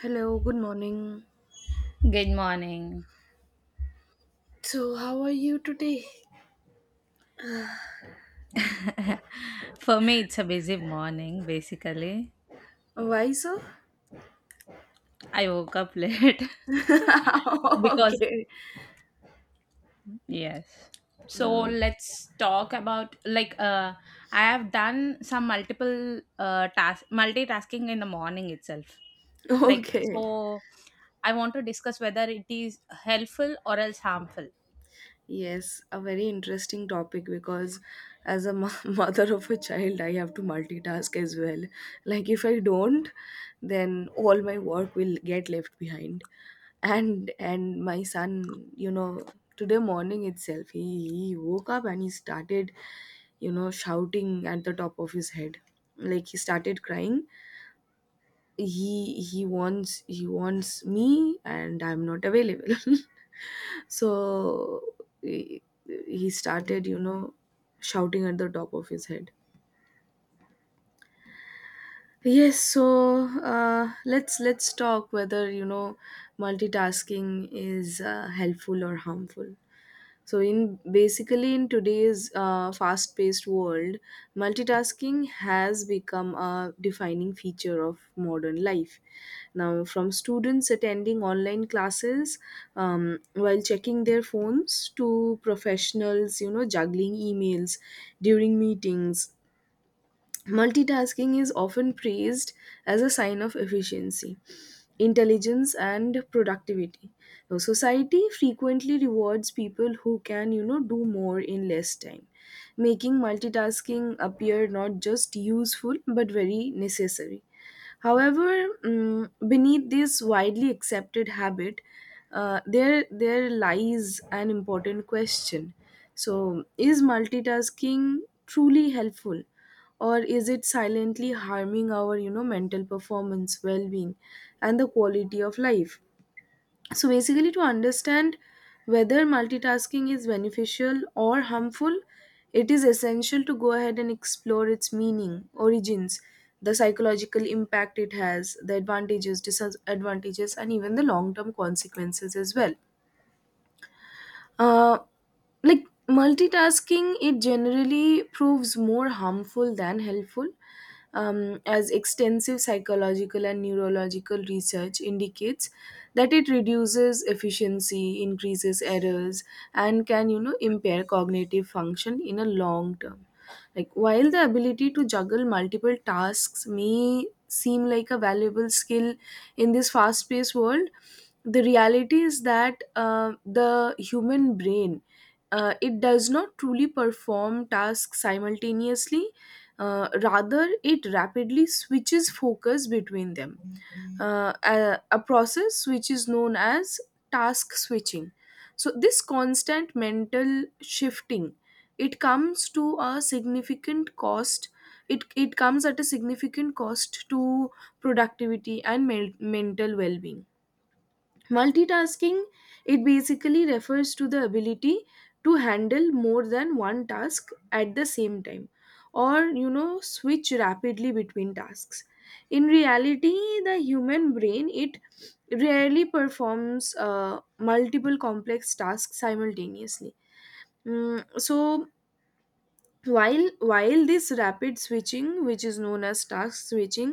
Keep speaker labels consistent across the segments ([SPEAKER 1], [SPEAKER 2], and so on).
[SPEAKER 1] Hello, good morning.
[SPEAKER 2] Good morning.
[SPEAKER 1] So, how are you today?
[SPEAKER 2] For me, it's a busy morning, basically.
[SPEAKER 1] Why so?
[SPEAKER 2] I woke up late because,
[SPEAKER 1] Okay.
[SPEAKER 2] yes. So
[SPEAKER 1] Mm,
[SPEAKER 2] let's talk about like I have done some multiple task multitasking in the morning itself. Like
[SPEAKER 1] okay.
[SPEAKER 2] so I want to discuss whether it is helpful or else harmful.
[SPEAKER 1] Yes, a very interesting topic, because as a mother of a child, I have to multitask as well. Like, if I don't, then all my work will get left behind. And my son, today morning itself, he woke up, and he started, shouting at the top of his head. Like, he started crying. He wants me, and I'm not available. So he, he started, shouting at the top of his head. Yes, so let's talk whether, multitasking is, helpful or harmful. So in basically, in today's fast-paced world, multitasking has become a defining feature of modern life. Now, from students attending online classes, while checking their phones, to professionals, juggling emails during meetings. Multitasking is often praised as a sign of efficiency, intelligence, and productivity. Now, society frequently rewards people who can, do more in less time, making multitasking appear not just useful, but very necessary. However, beneath this widely accepted habit, there lies an important question. So, is multitasking truly helpful, or is it silently harming our, mental performance, well-being, and the quality of life? So basically, to understand whether multitasking is beneficial or harmful, it is essential to go ahead and explore its meaning, origins, the psychological impact it has, the advantages, disadvantages, and even the long term consequences as well. Uh, like, multitasking, it generally proves more harmful than helpful, as extensive psychological and neurological research indicates that it reduces efficiency, increases errors, and can, impair cognitive function in a long term. Like, while the ability to juggle multiple tasks may seem like a valuable skill in this fast paced world, the reality is that, the human brain, it does not truly perform tasks simultaneously. Rather, it rapidly switches focus between them, a process which is known as task switching. So this constant mental shifting, it comes to a significant cost. It comes at a significant cost to productivity and mental well-being. Multitasking, it basically refers to the ability to handle more than one task at the same time, or, switch rapidly between tasks. In reality, the human brain, it rarely performs, multiple complex tasks simultaneously. So, while this rapid switching, which is known as task switching,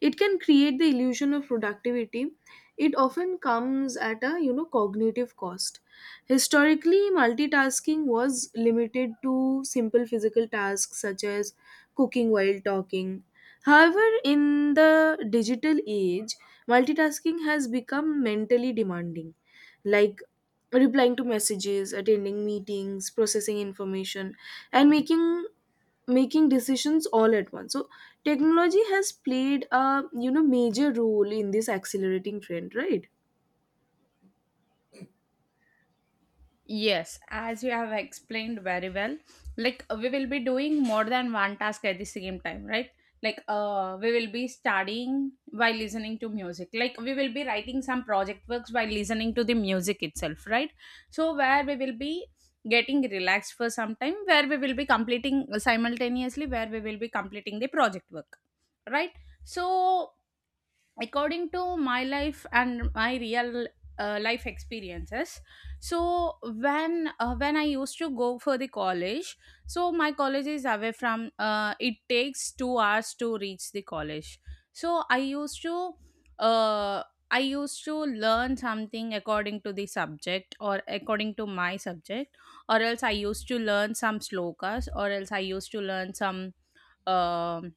[SPEAKER 1] it can create the illusion of productivity. It often comes at a, cognitive cost. Historically, multitasking was limited to simple physical tasks, such as cooking while talking. However, in the digital age, multitasking has become mentally demanding, like replying to messages, attending meetings, processing information, and making decisions all at once. So technology has played a, major role in this accelerating trend, right?
[SPEAKER 2] Yes, as you have explained very well, we will be doing more than one task at the same time, right? We will be studying while listening to music. Like we will be writing some project works while listening to the music itself, right? So where we will be getting relaxed for some time, where we will be completing simultaneously, where we will be completing the project work, right? So according to my life and my real life experiences. So when I used to go for the college. So my college is away from it takes 2 hours to reach the college. So uh, I used to learn something according to the subject or according to my subject, or else I used to learn some slokas, or else I used to learn some um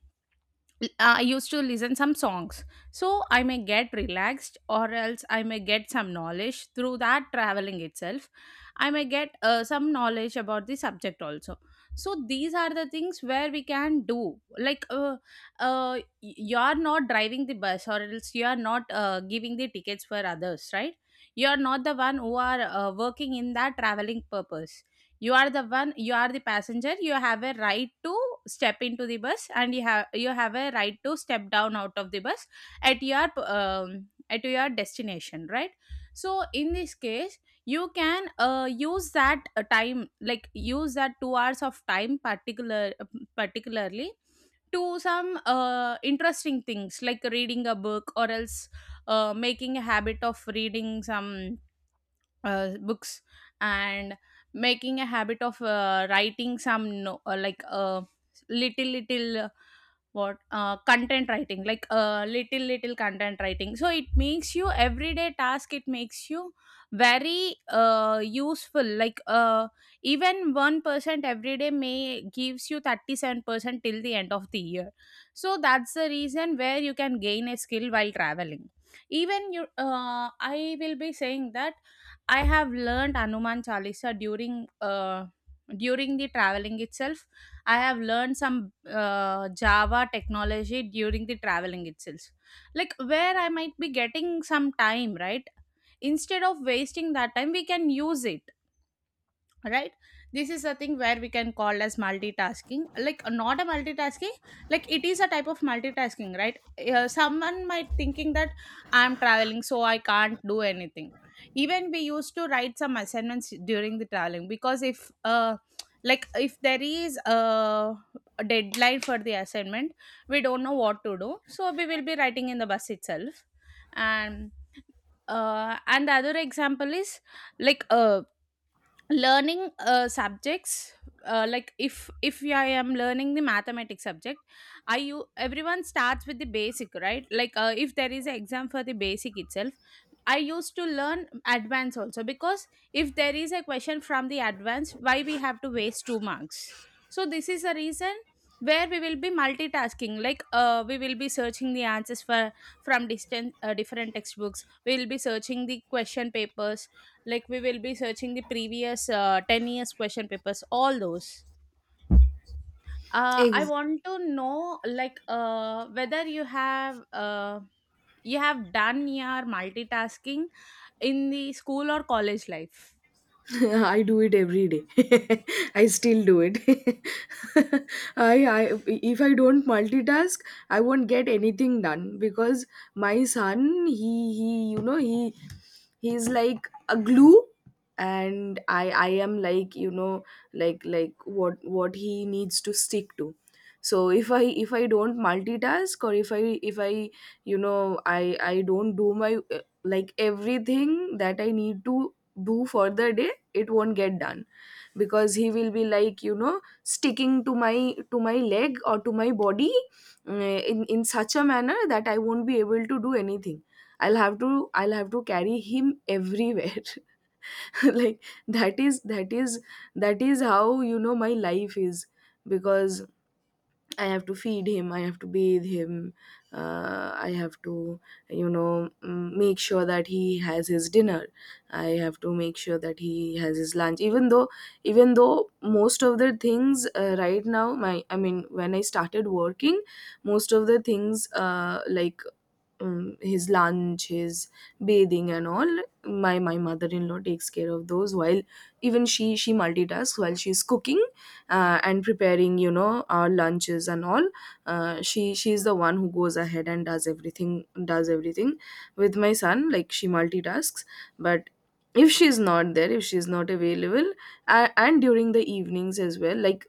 [SPEAKER 2] I used to listen some songs. So I may get relaxed or else I may get some knowledge through that traveling itself. I may get some knowledge about the subject also. So these are the things where we can do. Like uh, uh, you are not driving the bus or else you are not giving the tickets for others, right? You are not the one who are working in that traveling purpose. You are the one, you are the passenger, you have a right to step into the bus, and you have a right to step down out of the bus at your at your destination, right? So in this case you can use that time, like use that 2 hours of time particular particularly to some interesting things like reading a book or else making a habit of reading some books, and making a habit of writing some no, little little what content writing, like little little content writing. So it makes you everyday task, it makes you very useful. Even 1% every day may gives you 37% till the end of the year. So that's the reason where you can gain a skill while traveling. Even you I will be saying that I have learned Anuman Chalisa during during the traveling itself. I have learned some Java technology during the traveling itself, like where I might be getting some time, right? Instead of wasting that time, we can use it, right? This is a thing where we can call as multitasking, not a multitasking, like it is a type of multitasking, right? Someone might thinking that I'm traveling so I can't do anything. Even we used to write some assignments during the traveling, because if there is a deadline for the assignment, we don't know what to do, so we will be writing in the bus itself. And and the other example is like uh learning subjects. Like if I am learning the mathematics subject, I you everyone starts with the basic, right? If there is an exam for the basic itself, I used to learn advance also, because if there is a question from the advance, why we have to waste two marks. So this is a reason where we will be multitasking, we will be searching the answers for from distant different textbooks, we will be searching the question papers, like we will be searching the previous 10 years question papers, all those. I
[SPEAKER 1] Ex-
[SPEAKER 2] want to know whether you have done your multitasking in the school or college life.
[SPEAKER 1] I do it every day. I still do it. I If I don't multitask, I won't get anything done, because my son, he you know he he's like a glue, and I am like, like, what he needs to stick to. So if I don't multitask, or if I you know I don't do my, like, everything that I need to do for the day, it won't get done, because he will be like, sticking to my, leg, or to my body, in such a manner that I won't be able to do anything. I'll have to carry him everywhere. Like, that is how, my life is, because I have to feed him, I have to bathe him, I have to, make sure that he has his dinner. I have to make sure that he has his lunch. Even though most of the things, right now, I mean, when I started working, most of the things, like, his lunch, his bathing, and all, my mother-in-law takes care of those, while even she multitasks while she's cooking, and preparing, our lunches and all. She's the one who goes ahead and does everything with my son, like she multitasks. But if she's not there, if she's not available, and during the evenings as well, like,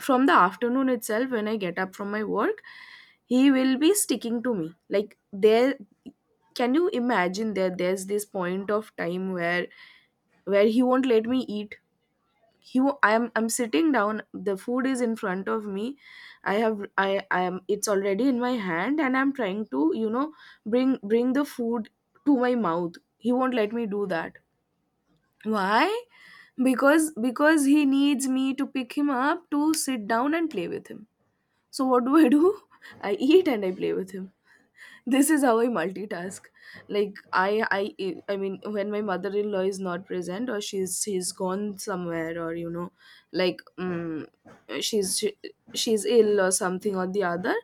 [SPEAKER 1] from the afternoon itself, when I get up from my work, he will be sticking to me. Like, there, can you imagine that there's this point of time where, he won't let me eat? I'm sitting down, the food is in front of me, I have I am it's already in my hand, and I'm trying to, bring the food to my mouth. He won't let me do that. Why? Because he needs me to pick him up, to sit down and play with him. So, what do I do? I eat, and I play with him. This is how I multitask. Like, I mean, when my mother-in-law is not present, or she's gone somewhere, or, like um, she, she's ill, or something or the other.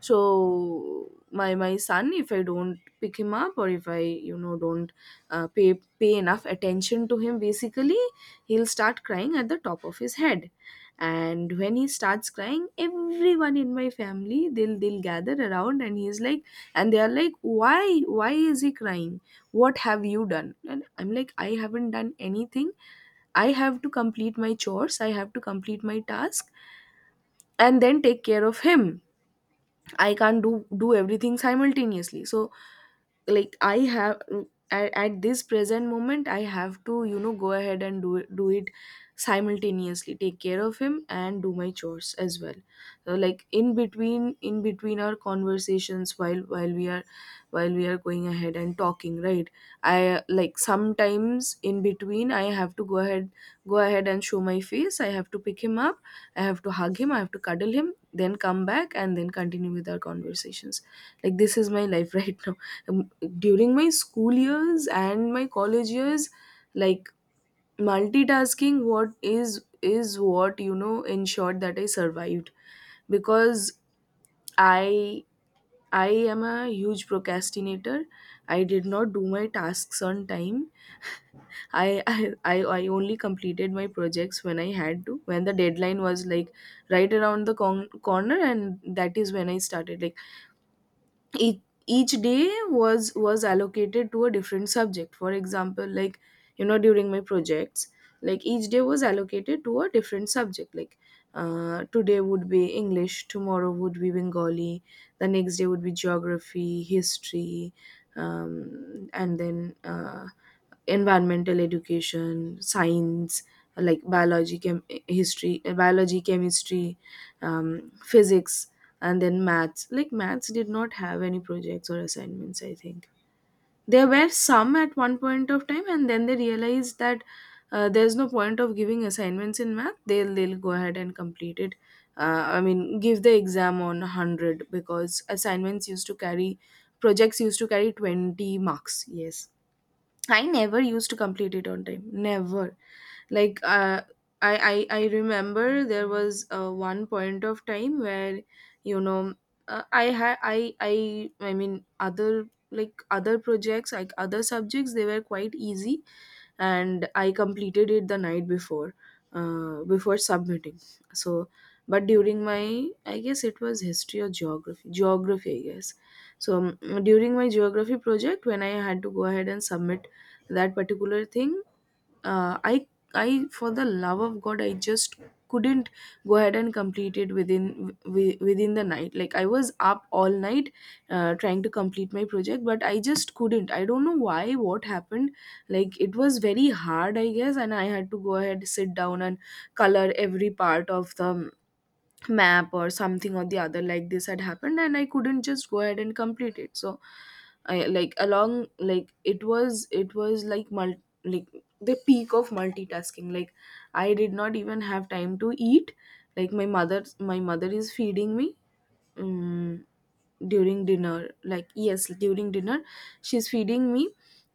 [SPEAKER 1] So my son, if I don't pick him up, or if I, don't, pay enough attention to him, basically, he'll start crying at the top of his head. And when he starts crying, everyone in my family, they'll gather around, and he's like, and they are like, why is he crying? What have you done? And I'm like, I haven't done anything. I have to complete my chores, I have to complete my task, and then take care of him. I can't do everything simultaneously. So, like, I have, at this present moment I have to, go ahead and do it simultaneously, take care of him, and do my chores as well. So, like, in between our conversations, while we are going ahead and talking, right? I, like, sometimes in between, I have to go ahead and show my face. I have to pick him up, I have to hug him, I have to cuddle him, then come back and then continue with our conversations. Like, this is my life right now. Um, During my school years and my college years, like, multitasking, what is is what, ensured that I survived, because I I am a huge procrastinator. I did not do my tasks on time. I I only completed my projects when I had to, when the deadline was like right around the corner, and that is when I started. Like, each, each day was allocated to a different subject. For example, like, during my projects, like, each day was allocated to a different subject, like, today would be English, tomorrow would be Bengali, the next day would be geography, history, and then, environmental education, science, like biology, history, biology, chemistry, physics, and then maths. Like, maths did not have any projects or assignments. I think there were some at one point of time, and then they realized that, there's no point of giving assignments in math. They'll go ahead and complete it. I mean, give the exam on 100, because assignments used to carry projects used to carry 20 marks, yes. I never used to complete it on time. Never. Like, I remember there was, one point of time where, you know I had I mean, other like other projects like other subjects, they were quite easy, and I completed it the night before, before submitting. So, but during my, I guess it was history or geography. Geography, I guess. So, during my geography project, when I had to go ahead and submit that particular thing, uh, I I, for the love of God, I just couldn't go ahead and complete it within, within the night. Like, I was up all night, trying to complete my project, but I just couldn't. I don't know why, what happened. Like it was very hard, I guess, and I had to go ahead sit down and color every part of the map or something or the other, like this had happened and I couldn't just go ahead and complete it. So I, like, along, like it was like like the peak of multitasking. Like I did not even have time to eat. Like my mother is feeding me. Mm, During dinner, like, yes, during dinner, she's feeding me.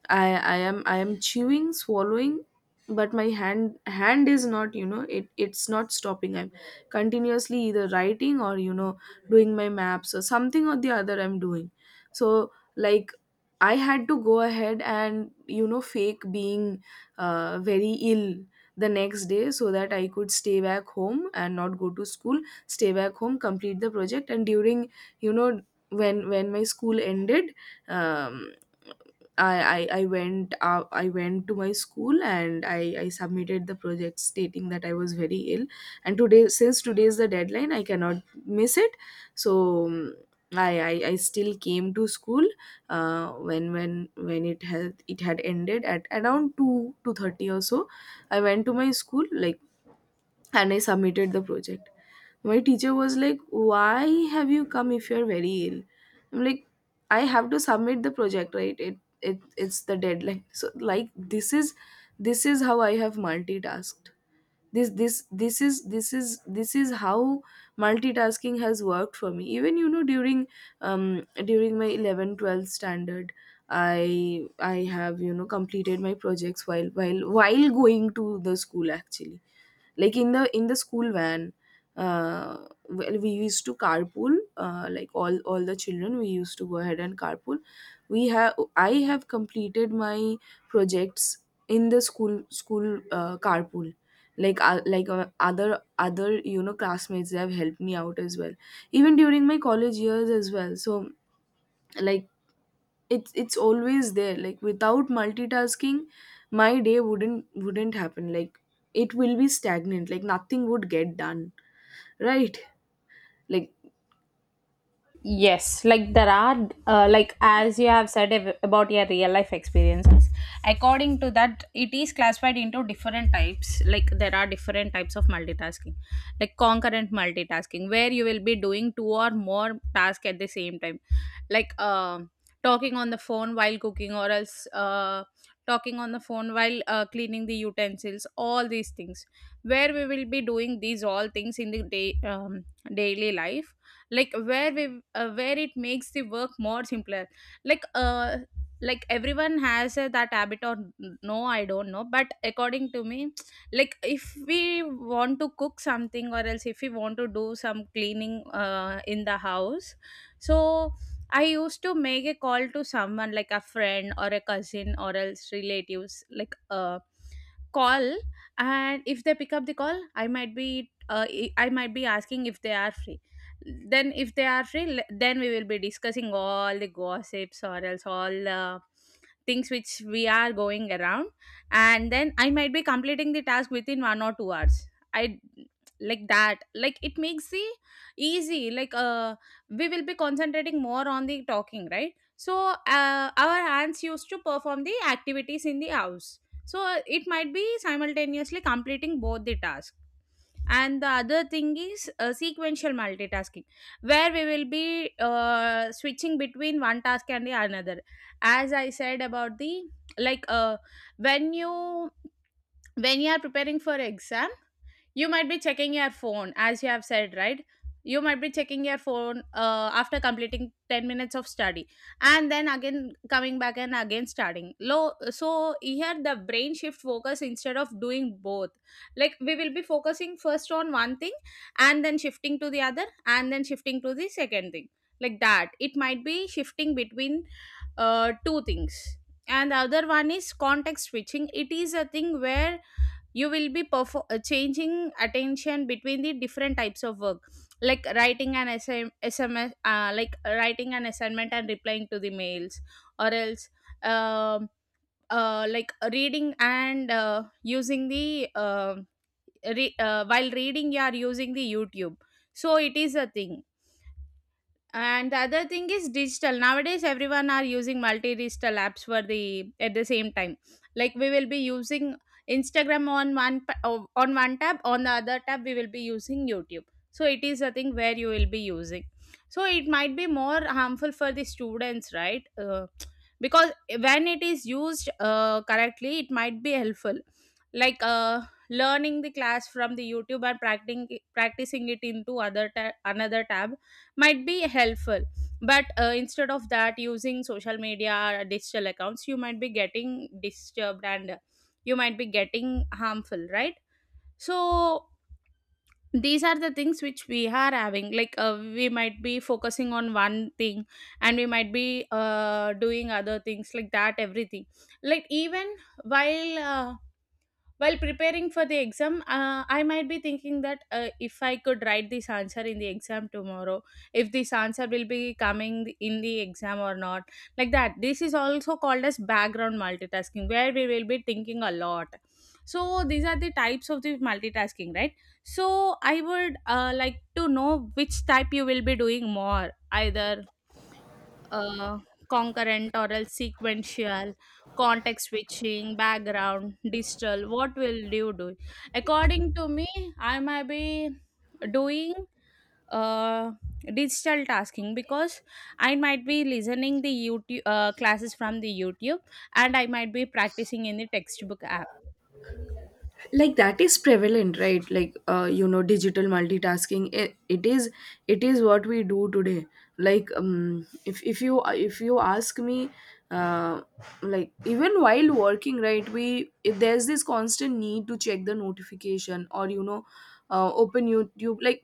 [SPEAKER 1] I am chewing, swallowing, but my hand is not, you know, it's not stopping. I'm continuously either writing or, you know, doing my maps or something or the other I'm doing. So, like, I had to go ahead and, you know, fake being very ill the next day so that I could stay back home and not go to school. Stay back home, complete the project. And during, you know, when my school ended, um, I went, I went to my school and I submitted the project, stating that I was very ill, and today, since today is the deadline, I cannot miss it. So I still came to school when it had ended at around 2 2:30 or so. I went to my school, like, and I submitted the project. My teacher was like, why have you come if you're very ill? I'm like, I have to submit the project, right? It's the deadline. So, like, this is how I have multitasked. This is how multitasking has worked for me. Even, you know, during during my 11 12 standard, I have, you know, completed my projects while while going to the school, actually. Like, in the school van. uh, well, we used to carpool, like, all the children, we used to go ahead and carpool. We have I have completed my projects in the school carpool. Like, like other, you know, classmates, they have helped me out as well, even during my college years as well. So, like, it's always there. Like, without multitasking, my day wouldn't happen. Like, it will be stagnant. Like, nothing would get done, right? like
[SPEAKER 2] Yes, like there are, like as you have said about your real life experiences, according to that, it is classified into different types. Like there are different types of multitasking, like concurrent multitasking, where you will be doing two or more tasks at the same time, like talking on the phone while cooking, or else talking on the phone while cleaning the utensils, all these things, where we will be doing these all things in the day, daily life, like where we where it makes the work more simpler, like uh like everyone has that habit, or no I don't know, but according to me, like if we want to cook something or else if we want to do some cleaning in the house. So I used to make a call to someone like a friend or a cousin or else relatives, like call, and if they pick up the call, I might be asking if they are free. Then if they are free, then we will be discussing all the gossips or else all the things which we are going around, and then I might be completing the task within 1 or 2 hours. I Like that, like it makes the easy, like we will be concentrating more on the talking, right? So our hands used to perform the activities in the house, so it might be simultaneously completing both the tasks. And the other thing is sequential multitasking, where we will be switching between one task and the another. As I said about the like uh, when you when you are preparing for exam, you might be checking your phone, as you have said right, you might be checking your phone after completing 10 minutes of study, and then again coming back, and again starting low. So here the brain shift focus instead of doing both, like we will be focusing first on one thing, and then shifting to the other, and then shifting to the second thing, like that it might be shifting between two things. And the other one is context switching. It is a thing where you will be changing attention between the different types of work, like writing an sms, like writing an assignment and replying to the mails, or else um like reading and using the while reading you are using the youtube, so it is a thing. And the other thing is digital. Nowadays, everyone are using multi digital apps for the at the same time. Like we will be using Instagram on on one tab, on the other tab we will be using YouTube. So it is a thing where you will be using. So it might be more harmful for the students, right? Because when it is used correctly, it might be helpful. Like uh, learning the class from the YouTube, and practicing it into another tab, might be helpful. But instead of that using social media or digital accounts, you might be getting disturbed, and you might be getting harmful, right? So these are the things which we are having, we might be focusing on one thing, and we might be doing other things, like that, everything. Like even while uh, while preparing for the exam, I might be thinking that, if I could write this answer in the exam tomorrow, if this answer will be coming in the exam or not, like that. This is also called as background multitasking, where we will be thinking a lot. So these are the types of the multitasking, right? So I would like to know which type you will be doing more, either uh, concurrent or else sequential, context switching, background, digital, what will you do? According to me, I might be doing uh, digital tasking, because I might be listening the youtube classes from the youtube, and I might be practicing in the textbook app.
[SPEAKER 1] like that is prevalent, right? Like, you know, digital multitasking, it is what we do today. Like, if you ask me, uh like, even while working, right, we, if there's this constant need to check the notification or, you know, open YouTube. Like,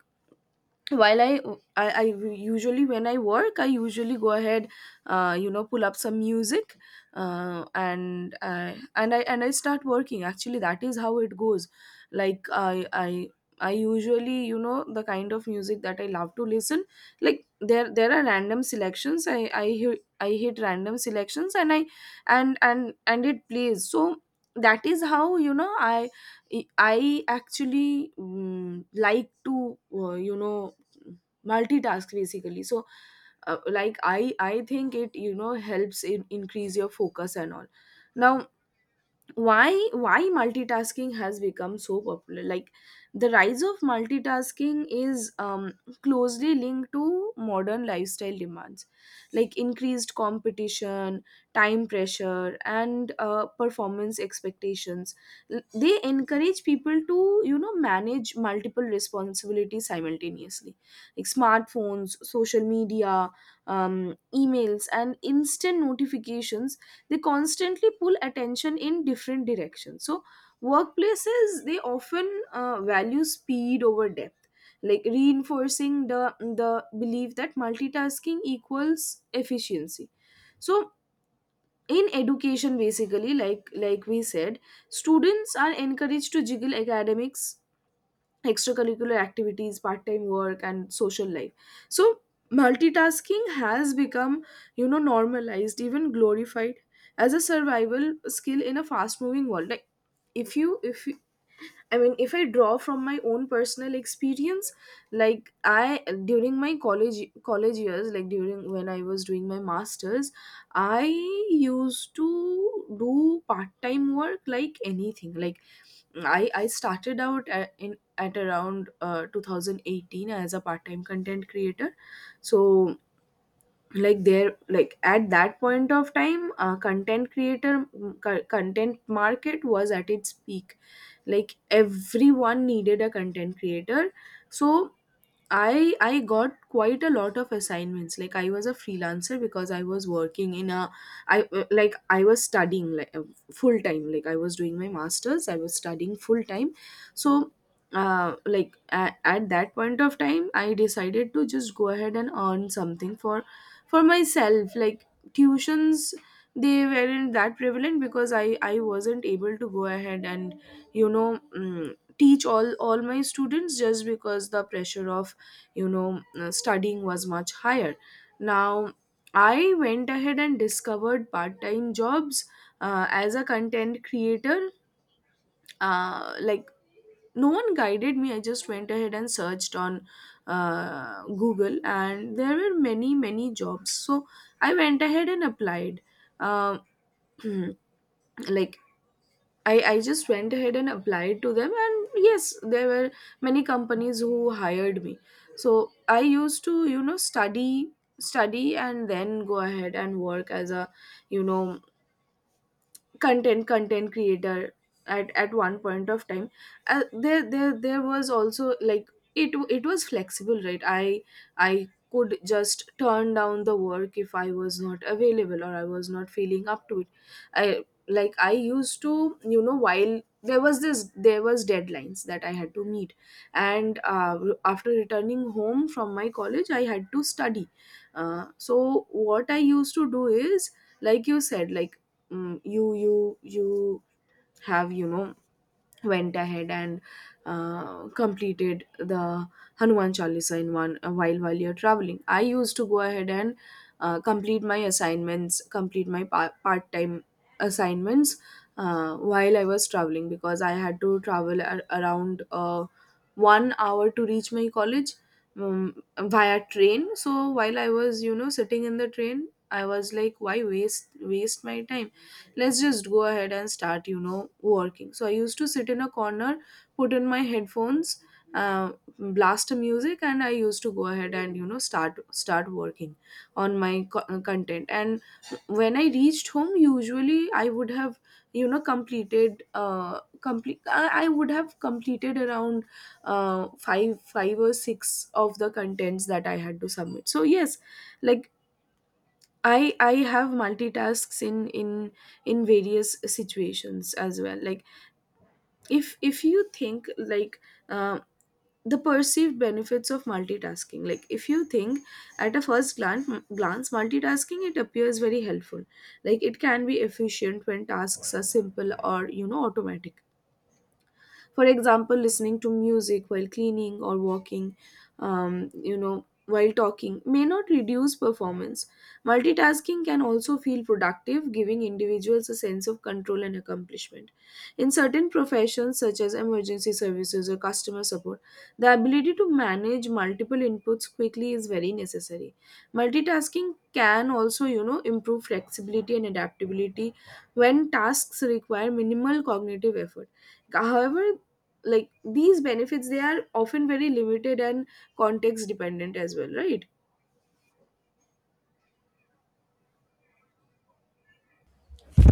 [SPEAKER 1] while I usually, when I work, I usually go ahead, you know, pull up some music, and I start working, actually. That is how it goes. Like, I usually, you know, the kind of music that I love to listen, like, there are random selections. I hear, I hit random selections, and I and it plays. So, that is how, you know, I actually like to, you know, multitask, basically. So, like, I think it, you know, helps in increase your focus and all. Now, why multitasking has become so popular. Like, the rise of multitasking is closely linked to modern lifestyle demands, like increased competition, time pressure, and performance expectations. They encourage people to, you know, manage multiple responsibilities simultaneously, like smartphones, social media, emails, and instant notifications. They constantly pull attention in different directions. So, workplaces, they often, value speed over depth, like reinforcing the the belief that multitasking equals efficiency. So, in education, basically, like we said, students are encouraged to juggle academics, extracurricular activities, part time work, and social life. So, multitasking has become, you know, normalized, even glorified as a survival skill in a fast moving world. Like, if you, I mean, if I draw from my own personal experience, like, I, during my college years, like, during when I was doing my masters, I used to do part time work, like, anything. Like, I started out at, in at around 2018 as a part time content creator. So, like, there, like, at that point of time, content creator content market was at its peak. Like, everyone needed a content creator. So I got quite a lot of assignments. Like, I was a freelancer because I was working in a, I, like, I was studying, like, full time. Like, I was doing my masters. I was studying full time. So, like, at that point of time, I decided to just go ahead and earn something for myself. Like, tuitions, they weren't that prevalent because I wasn't able to go ahead and, you know, teach all my students just because the pressure of, you know, studying was much higher. Now, I went ahead and discovered part-time jobs as a content creator, like, no one guided me. I just went ahead and searched on, Google, and there were many jobs. So, I went ahead and applied. Um like, I just went ahead and applied to them, and yes, there were many companies who hired me. So, I used to, you know, study and then go ahead and work as a, you know, content creator. At one point of time, there was also, like, it was flexible, right? I could just turn down the work if I was not available or I was not feeling up to it. I, like, I used to, you know, while there was this, there was deadlines that I had to meet. And, after returning home from my college, I had to study. So, what I used to do is, like you said, like, you have, you know, went ahead and completed the Hanuman Chalisa in one a while you're traveling. I used to go ahead and, complete my assignments, complete my part time assignments while I was traveling because I had to travel around one hour to reach my college, via train. So, while I was, you know, sitting in the train, I was like, why waste my time? Let's just go ahead and start, you know, working. So, I used to sit in a corner, put in my headphones, uh, blast the music, and I used to go ahead and, you know, start working on my content. And when I reached home, usually I would have, you know, completed complete I would have completed around five or six of the contents that I had to submit. So, yes, like, I have multitasks in, in various situations as well. Like, if you think, like, uh, the perceived benefits of multitasking. Like, if you think, at a first glance multitasking, it appears very helpful. Like, it can be efficient when tasks are simple or, you know, automatic. For example, listening to music while cleaning or walking, you know, while talking, may not reduce performance. Multitasking can also feel productive, giving individuals a sense of control and accomplishment. In certain professions, such as emergency services or customer support, the ability to manage multiple inputs quickly is very necessary. Multitasking can also, you know, improve flexibility and adaptability when tasks require minimal cognitive effort. However, like, these benefits, they are often very limited and context dependent as well, right?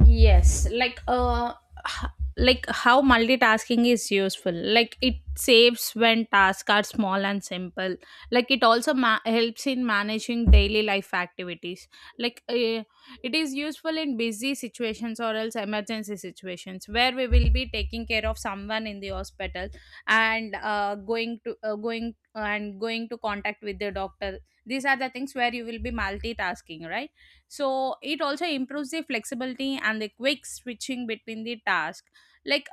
[SPEAKER 2] Yes, h- like how multitasking is useful. Like it saves when tasks are small and simple. Like it also helps in managing daily life activities. Like uh, it is useful in busy situations or else emergency situations, where we will be taking care of someone in the hospital, and going to contact with the doctor. These are the things where you will be multitasking, right? So it also improves the flexibility and the quick switching between the task. like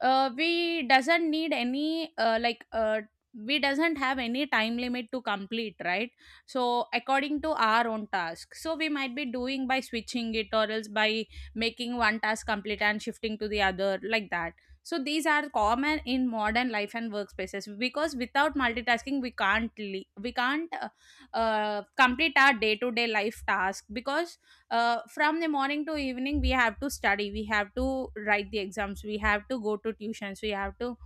[SPEAKER 2] we doesn't need any we doesn't have any time limit to complete, right? So according to our own task, so we might be doing by switching it, or else by making one task complete and shifting to the other, like that. So these are common in modern life and workspaces, because without multitasking we can't complete our day to day life task, because from the morning to evening, we have to study, we have to write the exams, we have to go to tuitions, we have to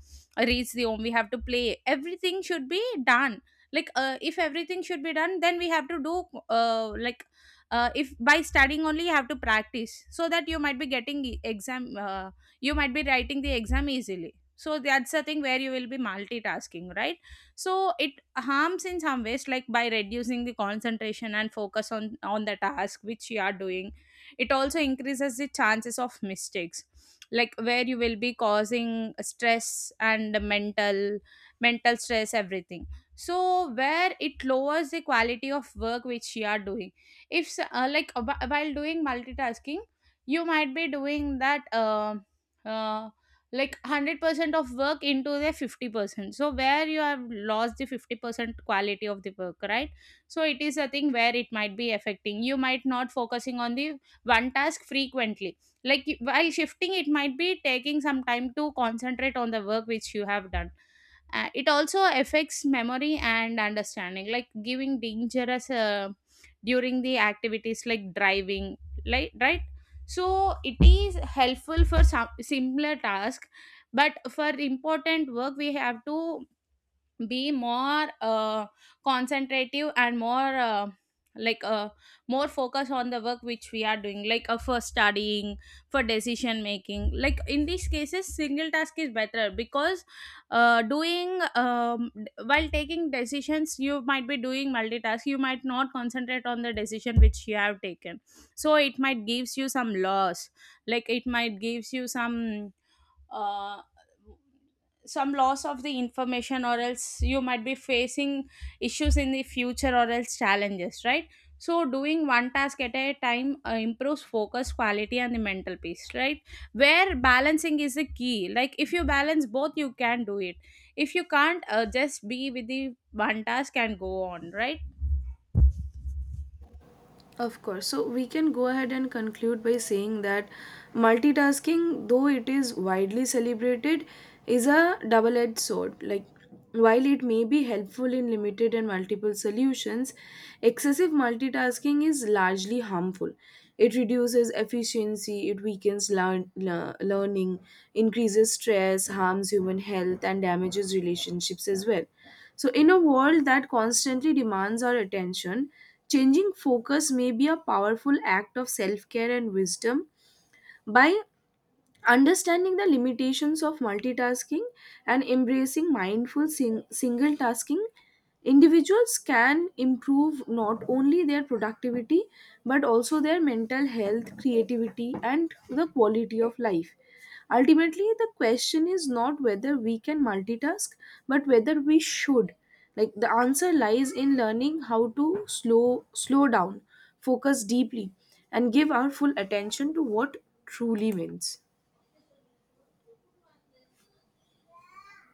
[SPEAKER 2] reach the home, we have to play, everything should be done. If everything should be done, then we have to do uh, like if by studying only you have to practice, so that you might be getting e- exam you might be writing the exam easily. So that's the thing where you will be multitasking, right? So it harms in some ways, like by reducing the concentration and focus on the task which you are doing. It also increases the chances of mistakes, like where you will be causing stress and mental stress, everything. So where it lowers the quality of work which you are doing. If s- like wh- while doing multitasking, you might be doing that uh, like 100% of work into the 50%, so where you have lost the 50% quality of the work, right? So it is a thing where it might be affecting, you might not focusing on the one task frequently, while shifting it might be taking some time to concentrate on the work which you have done. It also affects memory and understanding, like giving dangerous during the activities like driving, like, right? So it is helpful for some similar task, but for important work we have to be more concentrative and more like uh, more focus on the work which we are doing, for studying, for decision making. Like in these cases single task is better, because while taking decisions you might be doing multitask, you might not concentrate on the decision which you have taken. So it might gives you some loss, like it might gives you uh, some loss of the information, or else you might be facing issues in the future or else challenges, right? So doing one task at a time improves focus quality and the mental peace, right? Where balancing is the key, like if you balance both you can do it. If you can't, just be with the one task and go on, right?
[SPEAKER 1] Of course. So, we can go ahead and conclude by saying that multitasking, though it is widely celebrated, is a double edged sword. Like, while it may be helpful in limited and multiple solutions, excessive multitasking is largely harmful. It reduces efficiency, it weakens learning, increases stress, harms human health, and damages relationships as well. So, in a world that constantly demands our attention, changing focus may be a powerful act of self care and wisdom. By understanding the limitations of multitasking and embracing mindful single tasking, individuals can improve not only their productivity, but also their mental health, creativity, and the quality of life. Ultimately, the question is not whether we can multitask, but whether we should. Like, the answer lies in learning how to slow down, focus deeply, and give our full attention to what truly wins.